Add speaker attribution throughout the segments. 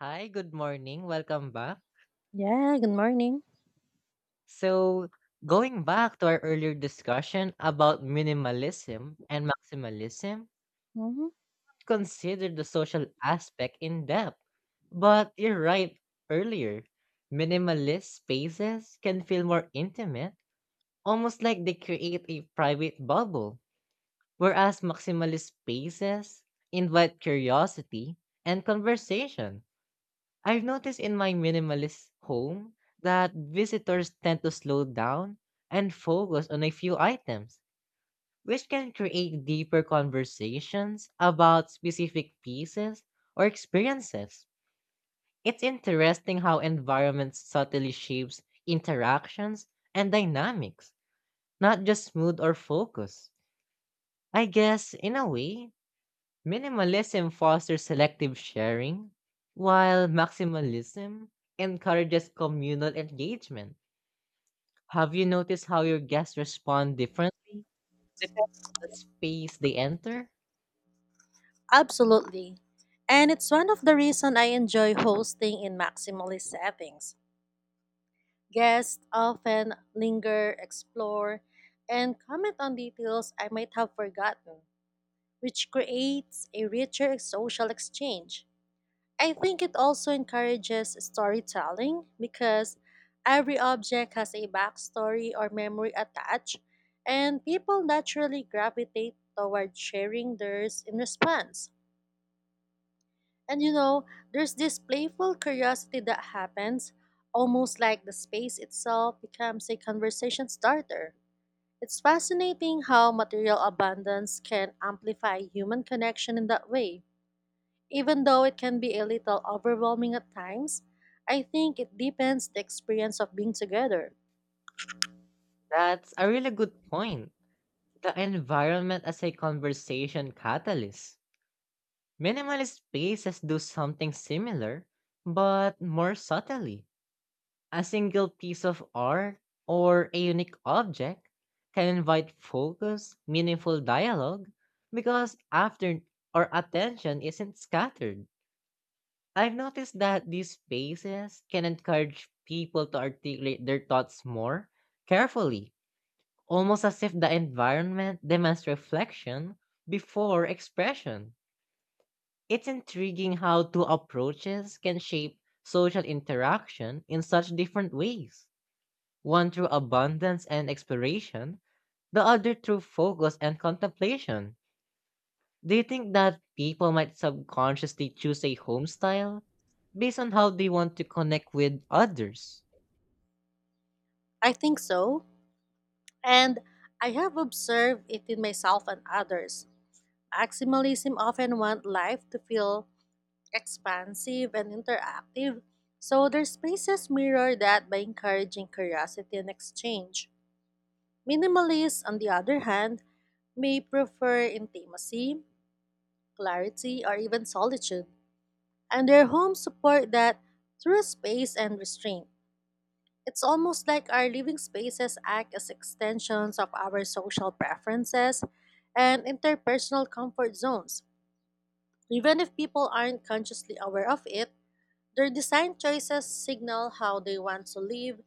Speaker 1: Hi, good morning. Welcome back.
Speaker 2: Yeah, good morning.
Speaker 1: So, going back to our earlier discussion about minimalism and maximalism,
Speaker 2: hmm
Speaker 1: consider the social aspect in depth. But you're right earlier. Minimalist spaces can feel more intimate, almost like they create a private bubble, whereas maximalist spaces invite curiosity and conversation. I've noticed in my minimalist home that visitors tend to slow down and focus on a few items, which can create deeper conversations about specific pieces or experiences. It's interesting how environment subtly shapes interactions and dynamics, not just mood or focus. I guess, in a way, minimalism fosters selective sharing, while maximalism encourages communal engagement. Have you noticed how your guests respond differently depending on the space they enter?
Speaker 2: Absolutely. And it's one of the reason I enjoy hosting in maximalist settings. Guests often linger, explore, and comment on details I might have forgotten, which creates a richer social exchange. I think it also encourages storytelling because every object has a backstory or memory attached, and people naturally gravitate toward sharing theirs in response. And you know, there's this playful curiosity that happens, almost like the space itself becomes a conversation starter. It's fascinating how material abundance can amplify human connection in that way. Even though it can be a little overwhelming at times, I think it deepens the experience of being together.
Speaker 1: That's a really good point. The environment as a conversation catalyst. Minimalist spaces do something similar, but more subtly. A single piece of art or a unique object can invite focus, meaningful dialogue, because after our attention isn't scattered. I've noticed that these spaces can encourage people to articulate their thoughts more carefully, almost as if the environment demands reflection before expression. It's intriguing how two approaches can shape social interaction in such different ways, one through abundance and exploration, the other through focus and contemplation. Do you think that people might subconsciously choose a home style based on how they want to connect with others?
Speaker 2: I think so. And I have observed it in myself and others. Maximalism often want life to feel expansive and interactive, so their spaces mirror that by encouraging curiosity and exchange. Minimalists, on the other hand, may prefer intimacy, clarity, or even solitude, and their homes support that through space and restraint. It's almost like our living spaces act as extensions of our social preferences and interpersonal comfort zones. Even if people aren't consciously aware of it, their design choices signal how they want to live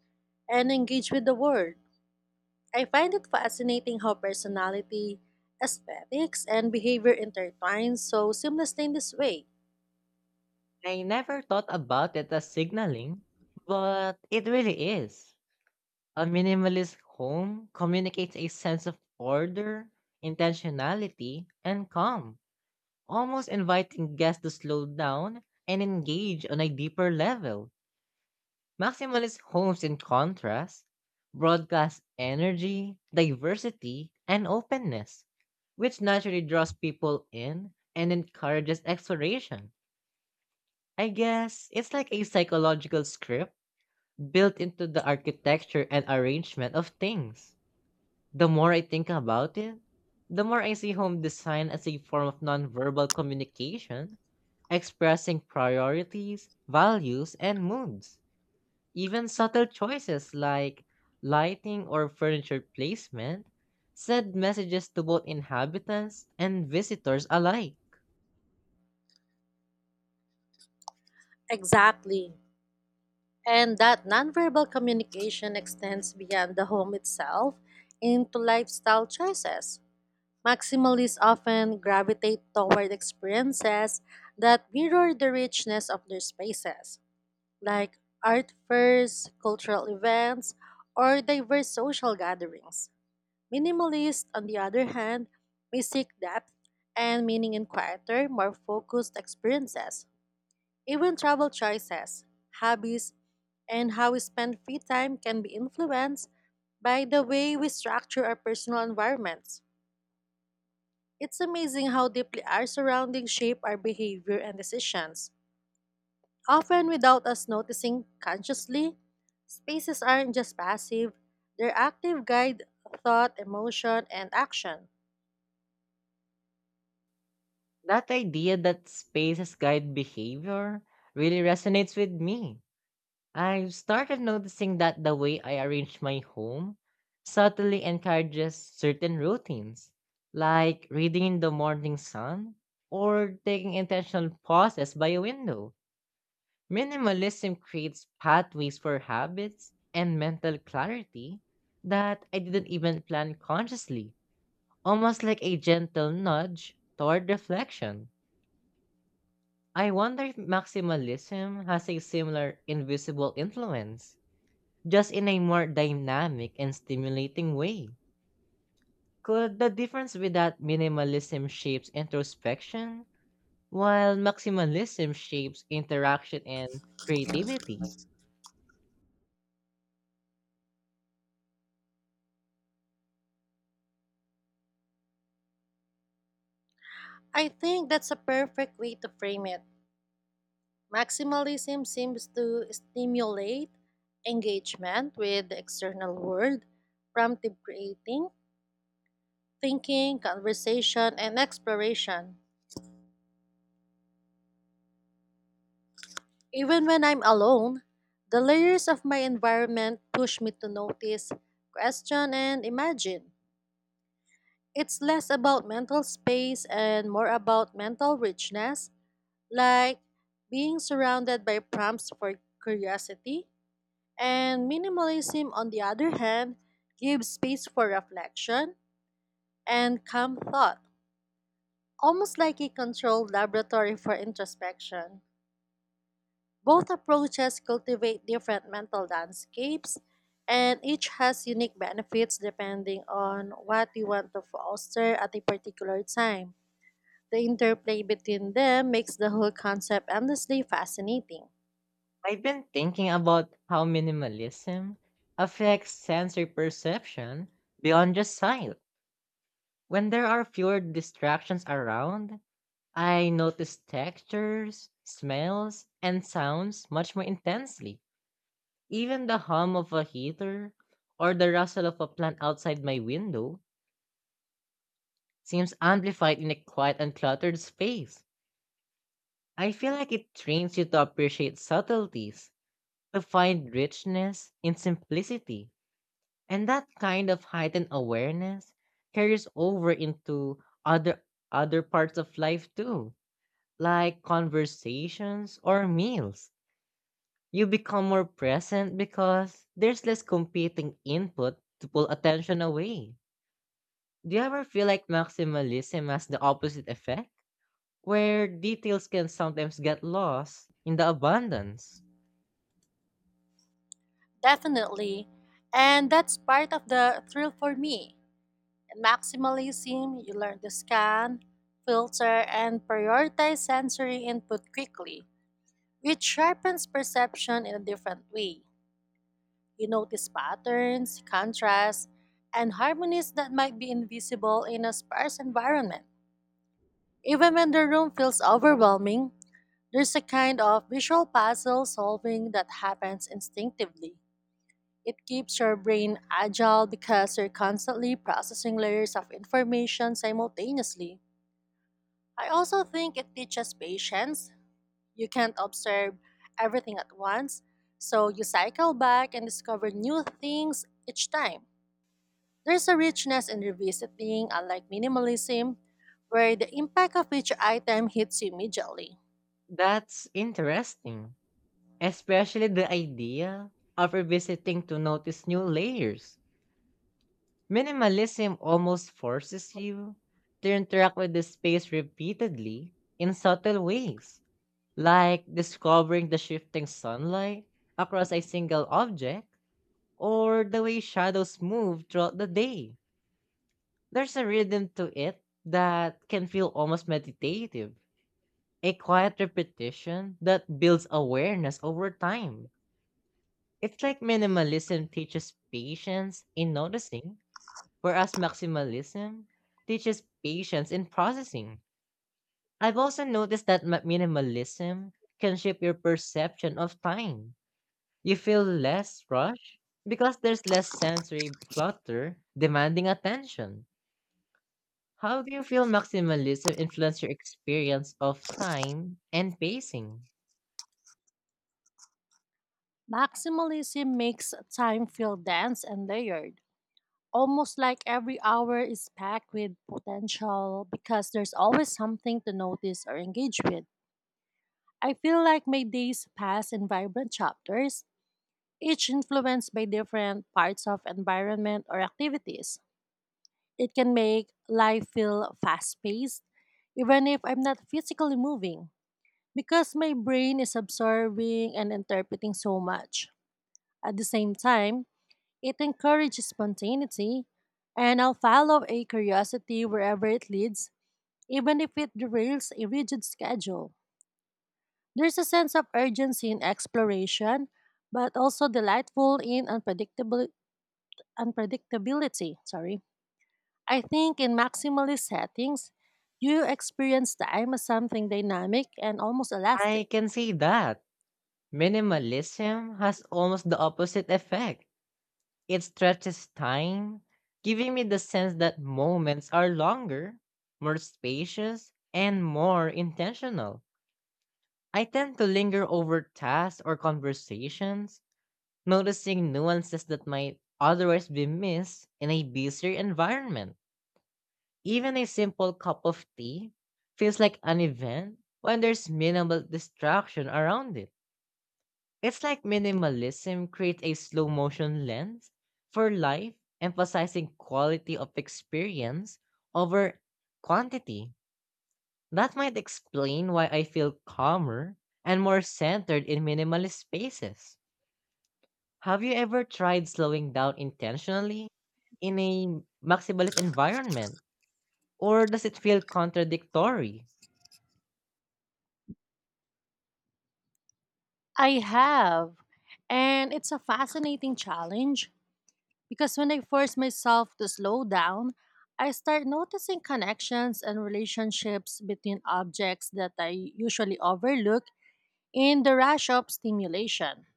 Speaker 2: and engage with the world. I find it fascinating how personality, aesthetics, and behavior intertwine so seamlessly in this way.
Speaker 1: I never thought about it as signaling, but it really is. A minimalist home communicates a sense of order, intentionality, and calm, almost inviting guests to slow down and engage on a deeper level. Maximalist homes, in contrast, broadcast energy, diversity, and openness, which naturally draws people in and encourages exploration. I guess it's like a psychological script built into the architecture and arrangement of things. The more I think about it, the more I see home design as a form of nonverbal communication, expressing priorities, values, and moods. Even subtle choices like lighting or furniture placement send messages to both inhabitants and visitors alike.
Speaker 2: Exactly. And that nonverbal communication extends beyond the home itself into lifestyle choices. Maximalists often gravitate toward experiences that mirror the richness of their spaces, like art fairs, cultural events, or diverse social gatherings. Minimalists, on the other hand, may seek depth and meaning in quieter, more focused experiences. Even travel choices, hobbies, and how we spend free time can be influenced by the way we structure our personal environments. It's amazing how deeply our surroundings shape our behavior and decisions. Often without us noticing consciously, spaces aren't just passive, they're active guide thought, emotion, and action.
Speaker 1: That idea that spaces guide behavior really resonates with me. I've started noticing that the way I arrange my home subtly encourages certain routines, like reading in the morning sun or taking intentional pauses by a window. Minimalism creates pathways for habits and mental clarity that I didn't even plan consciously, almost like a gentle nudge toward reflection. I wonder if maximalism has a similar invisible influence, just in a more dynamic and stimulating way. Could the difference be that minimalism shapes introspection, while maximalism shapes interaction and creativity?
Speaker 2: I think that's a perfect way to frame it. Maximalism seems to stimulate engagement with the external world, prompting creating, thinking, conversation, and exploration. Even when I'm alone, the layers of my environment push me to notice, question, and imagine. It's less about mental space and more about mental richness, like being surrounded by prompts for curiosity. And minimalism, on the other hand, gives space for reflection and calm thought, almost like a controlled laboratory for introspection. Both approaches cultivate different mental landscapes, and each has unique benefits depending on what you want to foster at a particular time. The interplay between them makes the whole concept endlessly fascinating.
Speaker 1: I've been thinking about how minimalism affects sensory perception beyond just sight. When there are fewer distractions around, I notice textures, smells, and sounds much more intensely. Even the hum of a heater or the rustle of a plant outside my window seems amplified in a quiet and cluttered space. I feel like it trains you to appreciate subtleties, to find richness in simplicity. And that kind of heightened awareness carries over into other other parts of life too, like conversations or meals. You become more present because there's less competing input to pull attention away. Do you ever feel like maximalism has the opposite effect? Where details can sometimes get lost in the abundance.
Speaker 2: Definitely. And that's part of the thrill for me. In maximalism, you learn to scan, filter, and prioritize sensory input quickly, which sharpens perception in a different way. You notice patterns, contrasts, and harmonies that might be invisible in a sparse environment. Even when the room feels overwhelming, there's a kind of visual puzzle solving that happens instinctively. It keeps your brain agile because you're constantly processing layers of information simultaneously. I also think it teaches patience. You can't observe everything at once, so you cycle back and discover new things each time. There's a richness in revisiting, unlike minimalism, where the impact of each item hits you immediately.
Speaker 1: That's interesting, especially the idea of revisiting to notice new layers. Minimalism almost forces you to interact with the space repeatedly in subtle ways, like discovering the shifting sunlight across a single object or the way shadows move throughout the day. There's a rhythm to it that can feel almost meditative, a quiet repetition that builds awareness over time. It's like minimalism teaches patience in noticing, whereas maximalism teaches patience in processing. I've also noticed that minimalism can shape your perception of time. You feel less rushed because there's less sensory clutter demanding attention. How do you feel maximalism influence your experience of time and pacing?
Speaker 2: Maximalism makes time feel dense and layered, almost like every hour is packed with potential because there's always something to notice or engage with. I feel like my days pass in vibrant chapters, each influenced by different parts of environment or activities. It can make life feel fast paced, even if I'm not physically moving, because my brain is absorbing and interpreting so much. At the same time, it encourages spontaneity, and I'll follow a curiosity wherever it leads, even if it derails a rigid schedule. There's a sense of urgency in exploration, but also delightful in unpredictable unpredictability, sorry. I think in maximalist settings, you experience time as something dynamic and almost
Speaker 1: I
Speaker 2: elastic.
Speaker 1: can see that. Minimalism has almost the opposite effect. It stretches time, giving me the sense that moments are longer, more spacious, and more intentional. I tend to linger over tasks or conversations, noticing nuances that might otherwise be missed in a busier environment. Even a simple cup of tea feels like an event when there's minimal distraction around it. It's like minimalism creates a slow motion lens for life, emphasizing quality of experience over quantity. That might explain why I feel calmer and more centered in minimalist spaces. Have you ever tried slowing down intentionally in a maximalist environment? Or does it feel contradictory?
Speaker 2: I have, and it's a fascinating challenge. Because when I force myself to slow down, I start noticing connections and relationships between objects that I usually overlook in the rush of stimulation.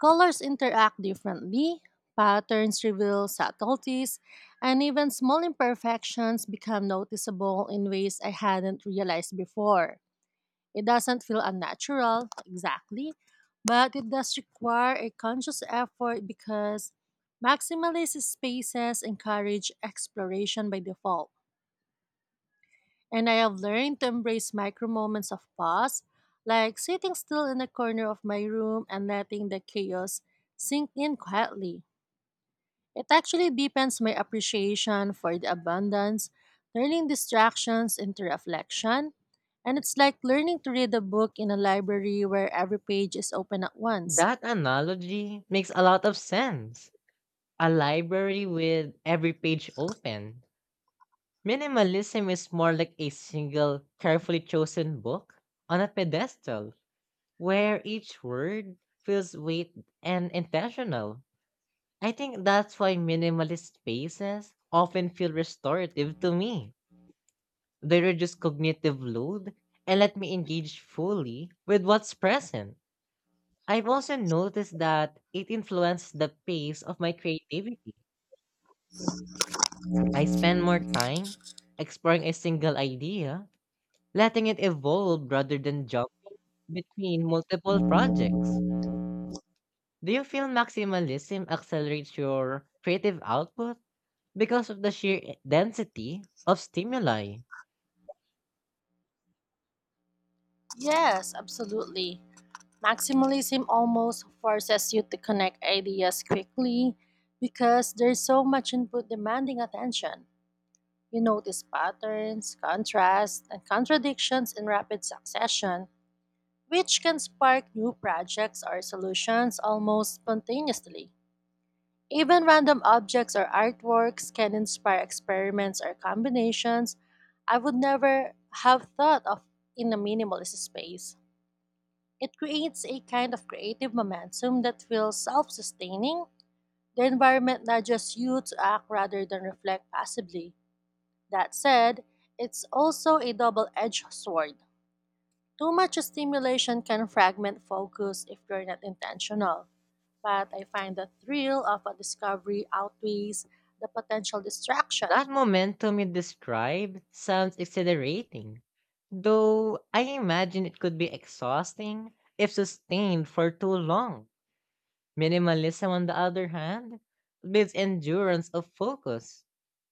Speaker 2: Colors interact differently, patterns reveal subtleties, and even small imperfections become noticeable in ways I hadn't realized before. It doesn't feel unnatural, exactly, but it does require a conscious effort because maximalist spaces encourage exploration by default. And I have learned to embrace micro moments of pause, like sitting still in a corner of my room and letting the chaos sink in quietly. It actually deepens my appreciation for the abundance, turning distractions into reflection. And it's like learning to read a book in a library where every page is open at once.
Speaker 1: That analogy makes a lot of sense. A library with every page open. Minimalism is more like a single, carefully chosen book on a pedestal where each word feels weight and intentional. I think that's why minimalist spaces often feel restorative to me. They reduce cognitive load and let me engage fully with what's present. I've also noticed that it influences the pace of my creativity. I spend more time exploring a single idea, letting it evolve rather than jump between multiple projects. Do you feel maximalism accelerates your creative output because of the sheer density of stimuli?
Speaker 2: Yes, absolutely. Maximalism almost forces you to connect ideas quickly because there's so much input demanding attention. You notice patterns, contrasts, and contradictions in rapid succession, which can spark new projects or solutions almost spontaneously. Even random objects or artworks can inspire experiments or combinations I would never have thought of in a minimalist space. It creates a kind of creative momentum that feels self sustaining. The environment nudges you to act rather than reflect passively. That said, it's also a double edged sword. Too much stimulation can fragment focus if you're not intentional, but I find the thrill of a discovery outweighs the potential
Speaker 1: That
Speaker 2: distraction.
Speaker 1: momentum you described sounds exhilarating, though I imagine it could be exhausting if sustained for too long. Minimalism, on the other hand, builds endurance of focus,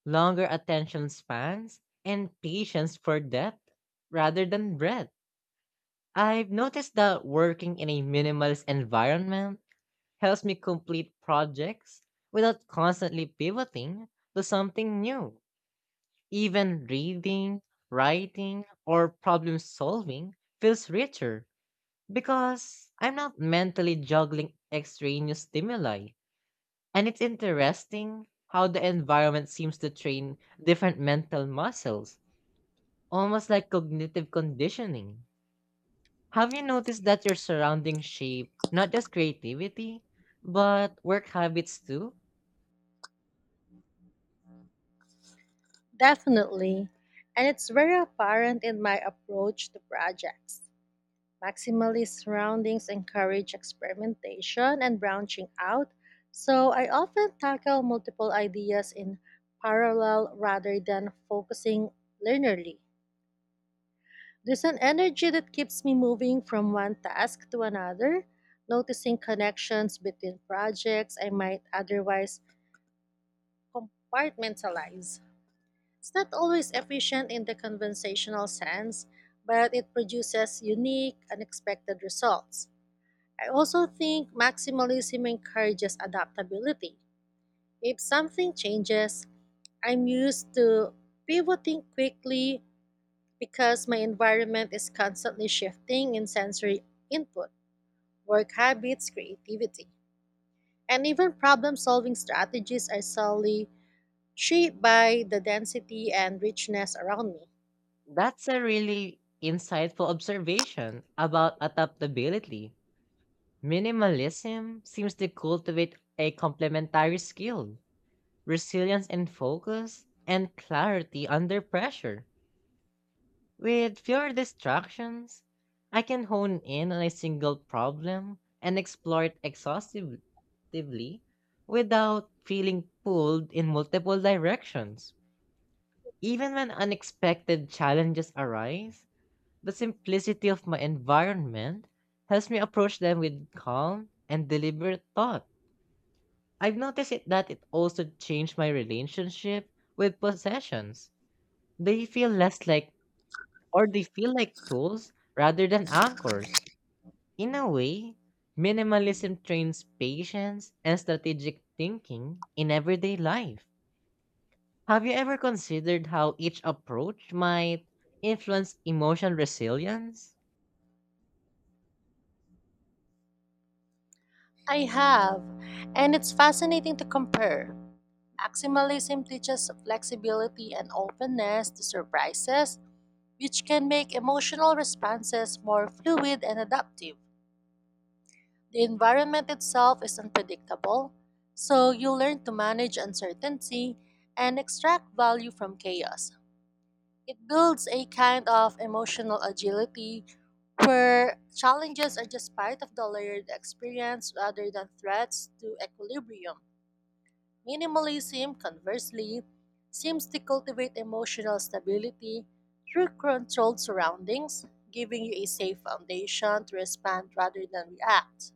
Speaker 1: longer attention spans, and patience for depth rather than breadth. I've noticed that working in a minimalist environment helps me complete projects without constantly pivoting to something new. Even reading, writing, or problem solving feels richer because I'm not mentally juggling extraneous stimuli. And it's interesting how the environment seems to train different mental muscles, almost like cognitive conditioning. Have you noticed that your surroundings shape not just creativity, but work habits too?
Speaker 2: Definitely, and it's very apparent in my approach to projects. Maximalist surroundings encourage experimentation and branching out, so I often tackle multiple ideas in parallel rather than focusing linearly. There's an energy that keeps me moving from one task to another, noticing connections between projects I might otherwise compartmentalize. It's not always efficient in the conventional sense, but it produces unique, unexpected results. I also think maximalism encourages adaptability. If something changes, I'm used to pivoting quickly because my environment is constantly shifting in sensory input. Work habits, creativity, and even problem solving strategies are solely shaped by the density and richness around me.
Speaker 1: That's a really insightful observation about adaptability. Minimalism seems to cultivate a complementary skill, resilience and focus, and clarity under pressure. With fewer distractions, I can hone in on a single problem and explore it exhaustively without feeling pulled in multiple directions. Even when unexpected challenges arise, the simplicity of my environment helps me approach them with calm and deliberate thought. I've noticed it, that it also changed my relationship with possessions. They feel less like they feel like tools rather than anchors. In a way, minimalism trains patience and strategic thinking in everyday life. Have you ever considered how each approach might influence emotional resilience?
Speaker 2: I have, and it's fascinating to compare. Maximalism teaches flexibility and openness to surprises, which can make emotional responses more fluid and adaptive. The environment itself is unpredictable, so you learn to manage uncertainty and extract value from chaos. It builds a kind of emotional agility where challenges are just part of the layered experience rather than threats to equilibrium. Minimalism, conversely, seems to cultivate emotional stability through controlled surroundings, giving you a safe foundation to respond rather than react.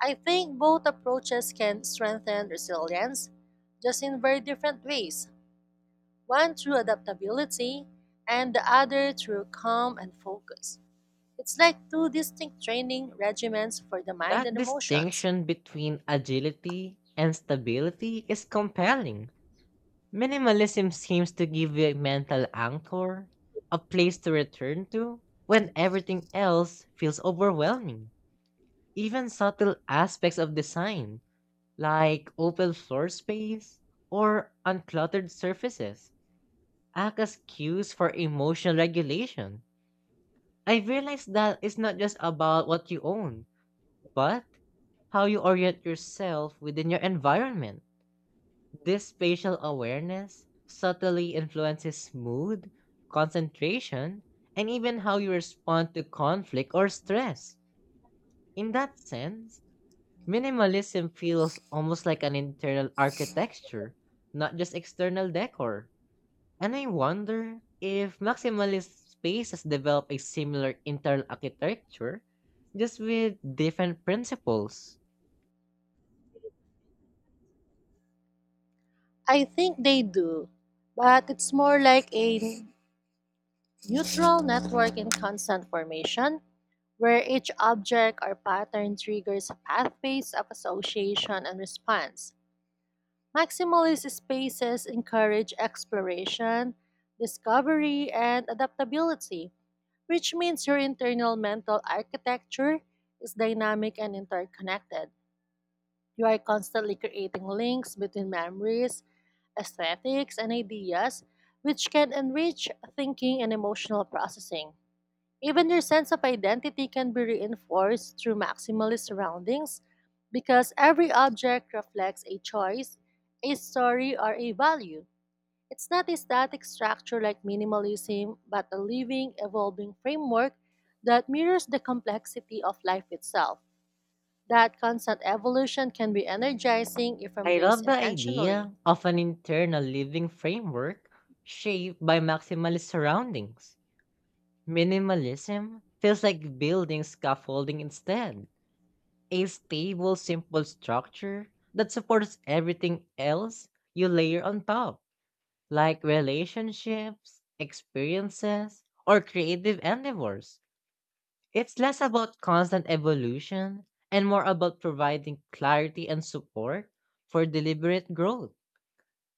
Speaker 2: I think both approaches can strengthen resilience, just in very different ways, one through adaptability and the other through calm and focus. It's like two distinct training regimens for the mind
Speaker 1: That
Speaker 2: and emotions.
Speaker 1: distinction between agility and stability is compelling. Minimalism seems to give you a mental anchor, a place to return to when everything else feels overwhelming. Even subtle aspects of design, like open floor space or uncluttered surfaces, act as cues for emotional regulation. I realized that it's not just about what you own, but how you orient yourself within your environment. This spatial awareness subtly influences mood, concentration, and even how you respond to conflict or stress. In that sense, minimalism feels almost like an internal architecture, not just external decor. And I wonder if maximalist spaces develop a similar internal architecture, just with different principles.
Speaker 2: I think they do, but it's more like a neutral network in constant formation where each object or pattern triggers pathways of association and response. Maximalist spaces encourage exploration, discovery, and adaptability, which means your internal mental architecture is dynamic and interconnected. You are constantly creating links between memories, aesthetics, and ideas, which can enrich thinking and emotional processing. Even your sense of identity can be reinforced through maximalist surroundings because every object reflects a choice, a story, or a value. It's not a static structure like minimalism, but a living, evolving framework that mirrors the complexity of life itself. That constant evolution can be energizing if
Speaker 1: I love
Speaker 2: embraced
Speaker 1: the
Speaker 2: intentionally.
Speaker 1: idea of an internal living framework shaped by maximalist surroundings. Minimalism feels like building scaffolding instead, a stable, simple structure that supports everything else you layer on top, like relationships, experiences, or creative endeavors. It's less about constant evolution and more about providing clarity and support for deliberate growth.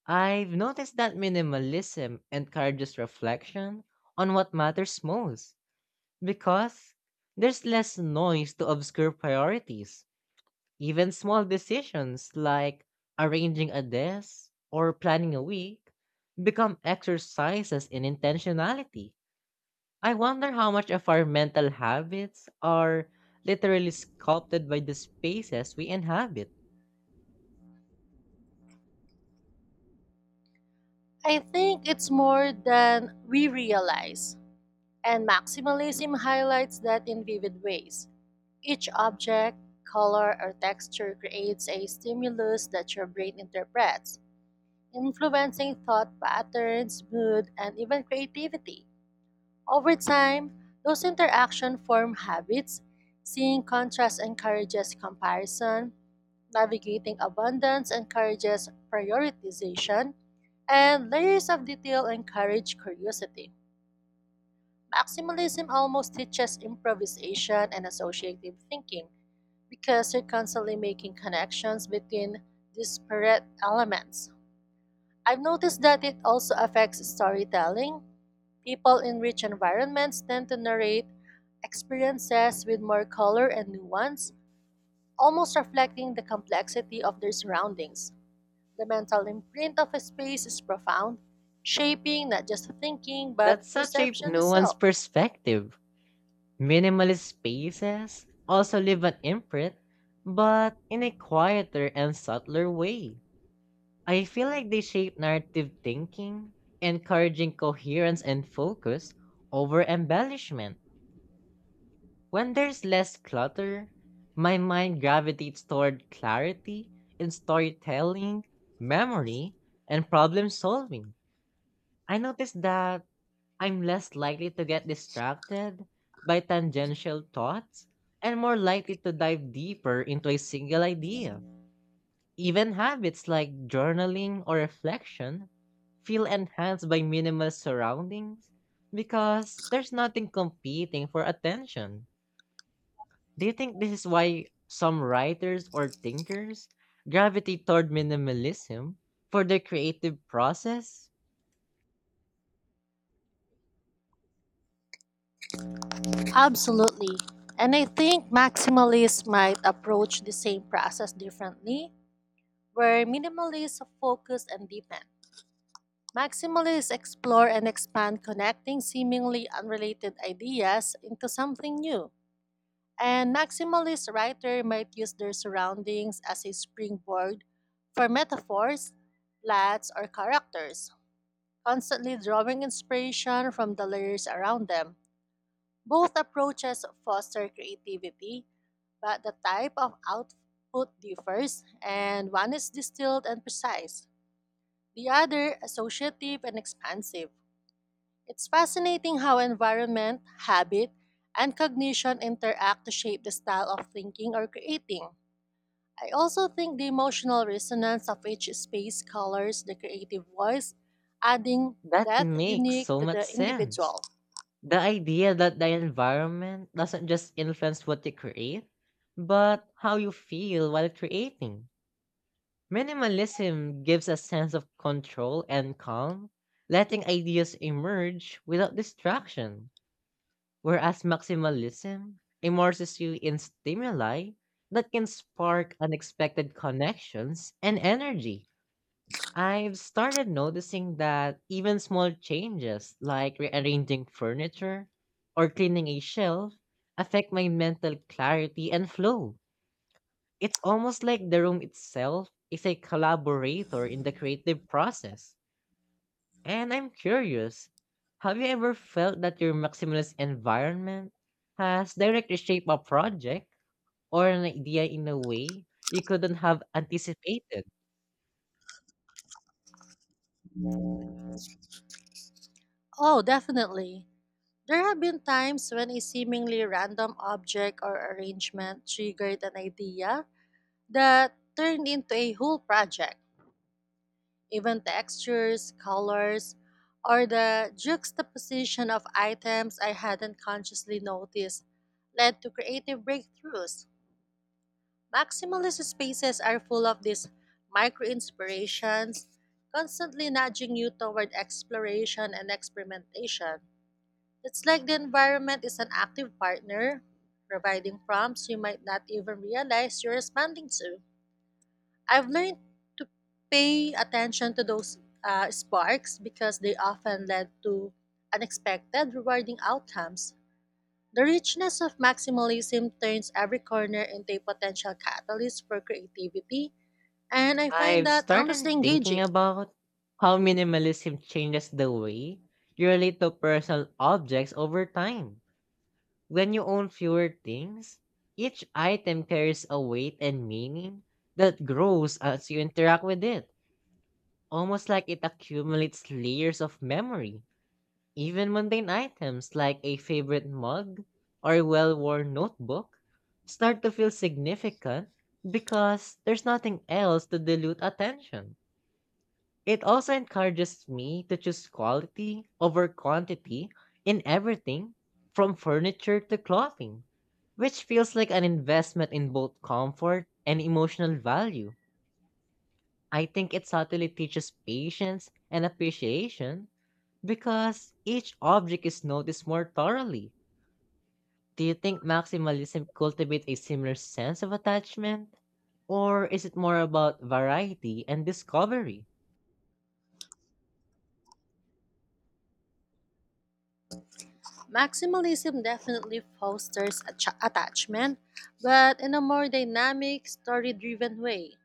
Speaker 1: I've noticed that minimalism encourages reflection on what matters most because there's less noise to obscure priorities. Even small decisions like arranging a desk or planning a week become exercises in intentionality. I wonder how much of our mental habits are literally sculpted by the spaces we inhabit.
Speaker 2: I think it's more than we realize, and maximalism highlights that in vivid ways. Each object, color, or texture creates a stimulus that your brain interprets, influencing thought patterns, mood, and even creativity. Over time, those interactions form habits. Seeing contrast encourages comparison, navigating abundance encourages prioritization, and layers of detail encourage curiosity. Maximalism almost teaches improvisation and associative thinking because you're constantly making connections between disparate elements. I've noticed that it also affects storytelling. People in rich environments tend to narrate experiences with more color and nuance, almost reflecting the complexity of their surroundings. The mental imprint of a space is profound, shaping not just thinking but
Speaker 1: That's such a
Speaker 2: perception
Speaker 1: nuanced
Speaker 2: itself.
Speaker 1: perspective. Minimalist spaces also leave an imprint, but in a quieter and subtler way. I feel like they shape narrative thinking, encouraging coherence and focus over embellishment. When there's less clutter, my mind gravitates toward clarity in storytelling, memory, and problem solving. I notice that I'm less likely to get distracted by tangential thoughts and more likely to dive deeper into a single idea. Even habits like journaling or reflection feel enhanced by minimal surroundings because there's nothing competing for attention. Do you think this is why some writers or thinkers gravitate toward minimalism for their creative process?
Speaker 2: Absolutely. And I think maximalists might approach the same process differently. Where minimalists focus and deepen, maximalists explore and expand, connecting seemingly unrelated ideas into something new. And maximalist writers might use their surroundings as a springboard for metaphors, plots, or characters, constantly drawing inspiration from the layers around them. Both approaches foster creativity, but the type of output differs, and one is distilled and precise, the other associative and expansive. It's fascinating how environment, habit, and cognition interact to shape the style of thinking or creating. I also think the emotional resonance of each space colors the creative voice, adding
Speaker 1: That
Speaker 2: depth
Speaker 1: makes
Speaker 2: unique
Speaker 1: so
Speaker 2: to
Speaker 1: much
Speaker 2: the
Speaker 1: sense.
Speaker 2: individual.
Speaker 1: The idea that the environment doesn't just influence what you create, but how you feel while creating. Minimalism gives a sense of control and calm, letting ideas emerge without distraction, whereas maximalism immerses you in stimuli that can spark unexpected connections and energy. I've started noticing that even small changes like rearranging furniture or cleaning a shelf affect my mental clarity and flow. It's almost like the room itself is a collaborator in the creative process. And I'm curious, have you ever felt that your maximalist environment has directly shaped a project or an idea in a way you couldn't have anticipated?
Speaker 2: Oh, definitely. There have been times when a seemingly random object or arrangement triggered an idea that turned into a whole project. Even textures, colors, or the juxtaposition of items I hadn't consciously noticed led to creative breakthroughs. Maximalist spaces are full of these micro inspirations, constantly nudging you toward exploration and experimentation. It's like the environment is an active partner, providing prompts you might not even realize you're responding to. I've learned to pay attention to those sparks because they often led to unexpected, rewarding outcomes. The richness of maximalism turns every corner into a potential catalyst for creativity, and I find
Speaker 1: I've
Speaker 2: that
Speaker 1: started
Speaker 2: endlessly
Speaker 1: thinking
Speaker 2: engaging.
Speaker 1: about how minimalism changes the way you relate to personal objects over time. When you own fewer things, each item carries a weight and meaning that grows as you interact with it, almost like it accumulates layers of memory. Even mundane items like a favorite mug or a well worn notebook start to feel significant because there's nothing else to dilute attention. It also encourages me to choose quality over quantity in everything from furniture to clothing, which feels like an investment in both comfort and emotional value. I think it subtly teaches patience and appreciation because each object is noticed more thoroughly. Do you think maximalism cultivates a similar sense of attachment? Or is it more about variety and discovery?
Speaker 2: Maximalism definitely fosters attachment, but in a more dynamic, story driven way.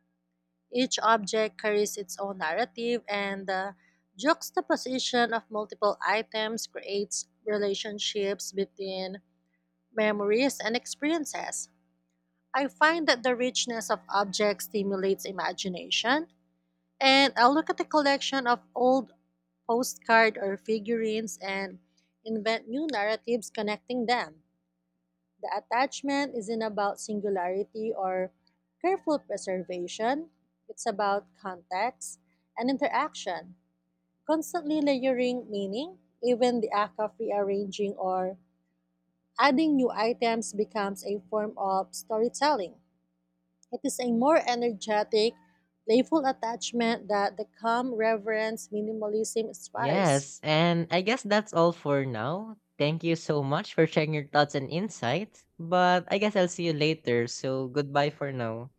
Speaker 2: Each object carries its own narrative, and the juxtaposition of multiple items creates relationships between memories and experiences. I find that the richness of objects stimulates imagination, and I look at a collection of old postcard or figurines and invent new narratives connecting them. The attachment isn't about singularity or careful preservation, it's about context and interaction, constantly layering meaning. Even the act of rearranging or adding new items becomes a form of storytelling. It is a more energetic, playful attachment that the calm reverence minimalism inspires.
Speaker 1: Yes, and I guess that's all for now. Thank you so much for sharing your thoughts and insights. But I guess I'll see you later, so goodbye for now.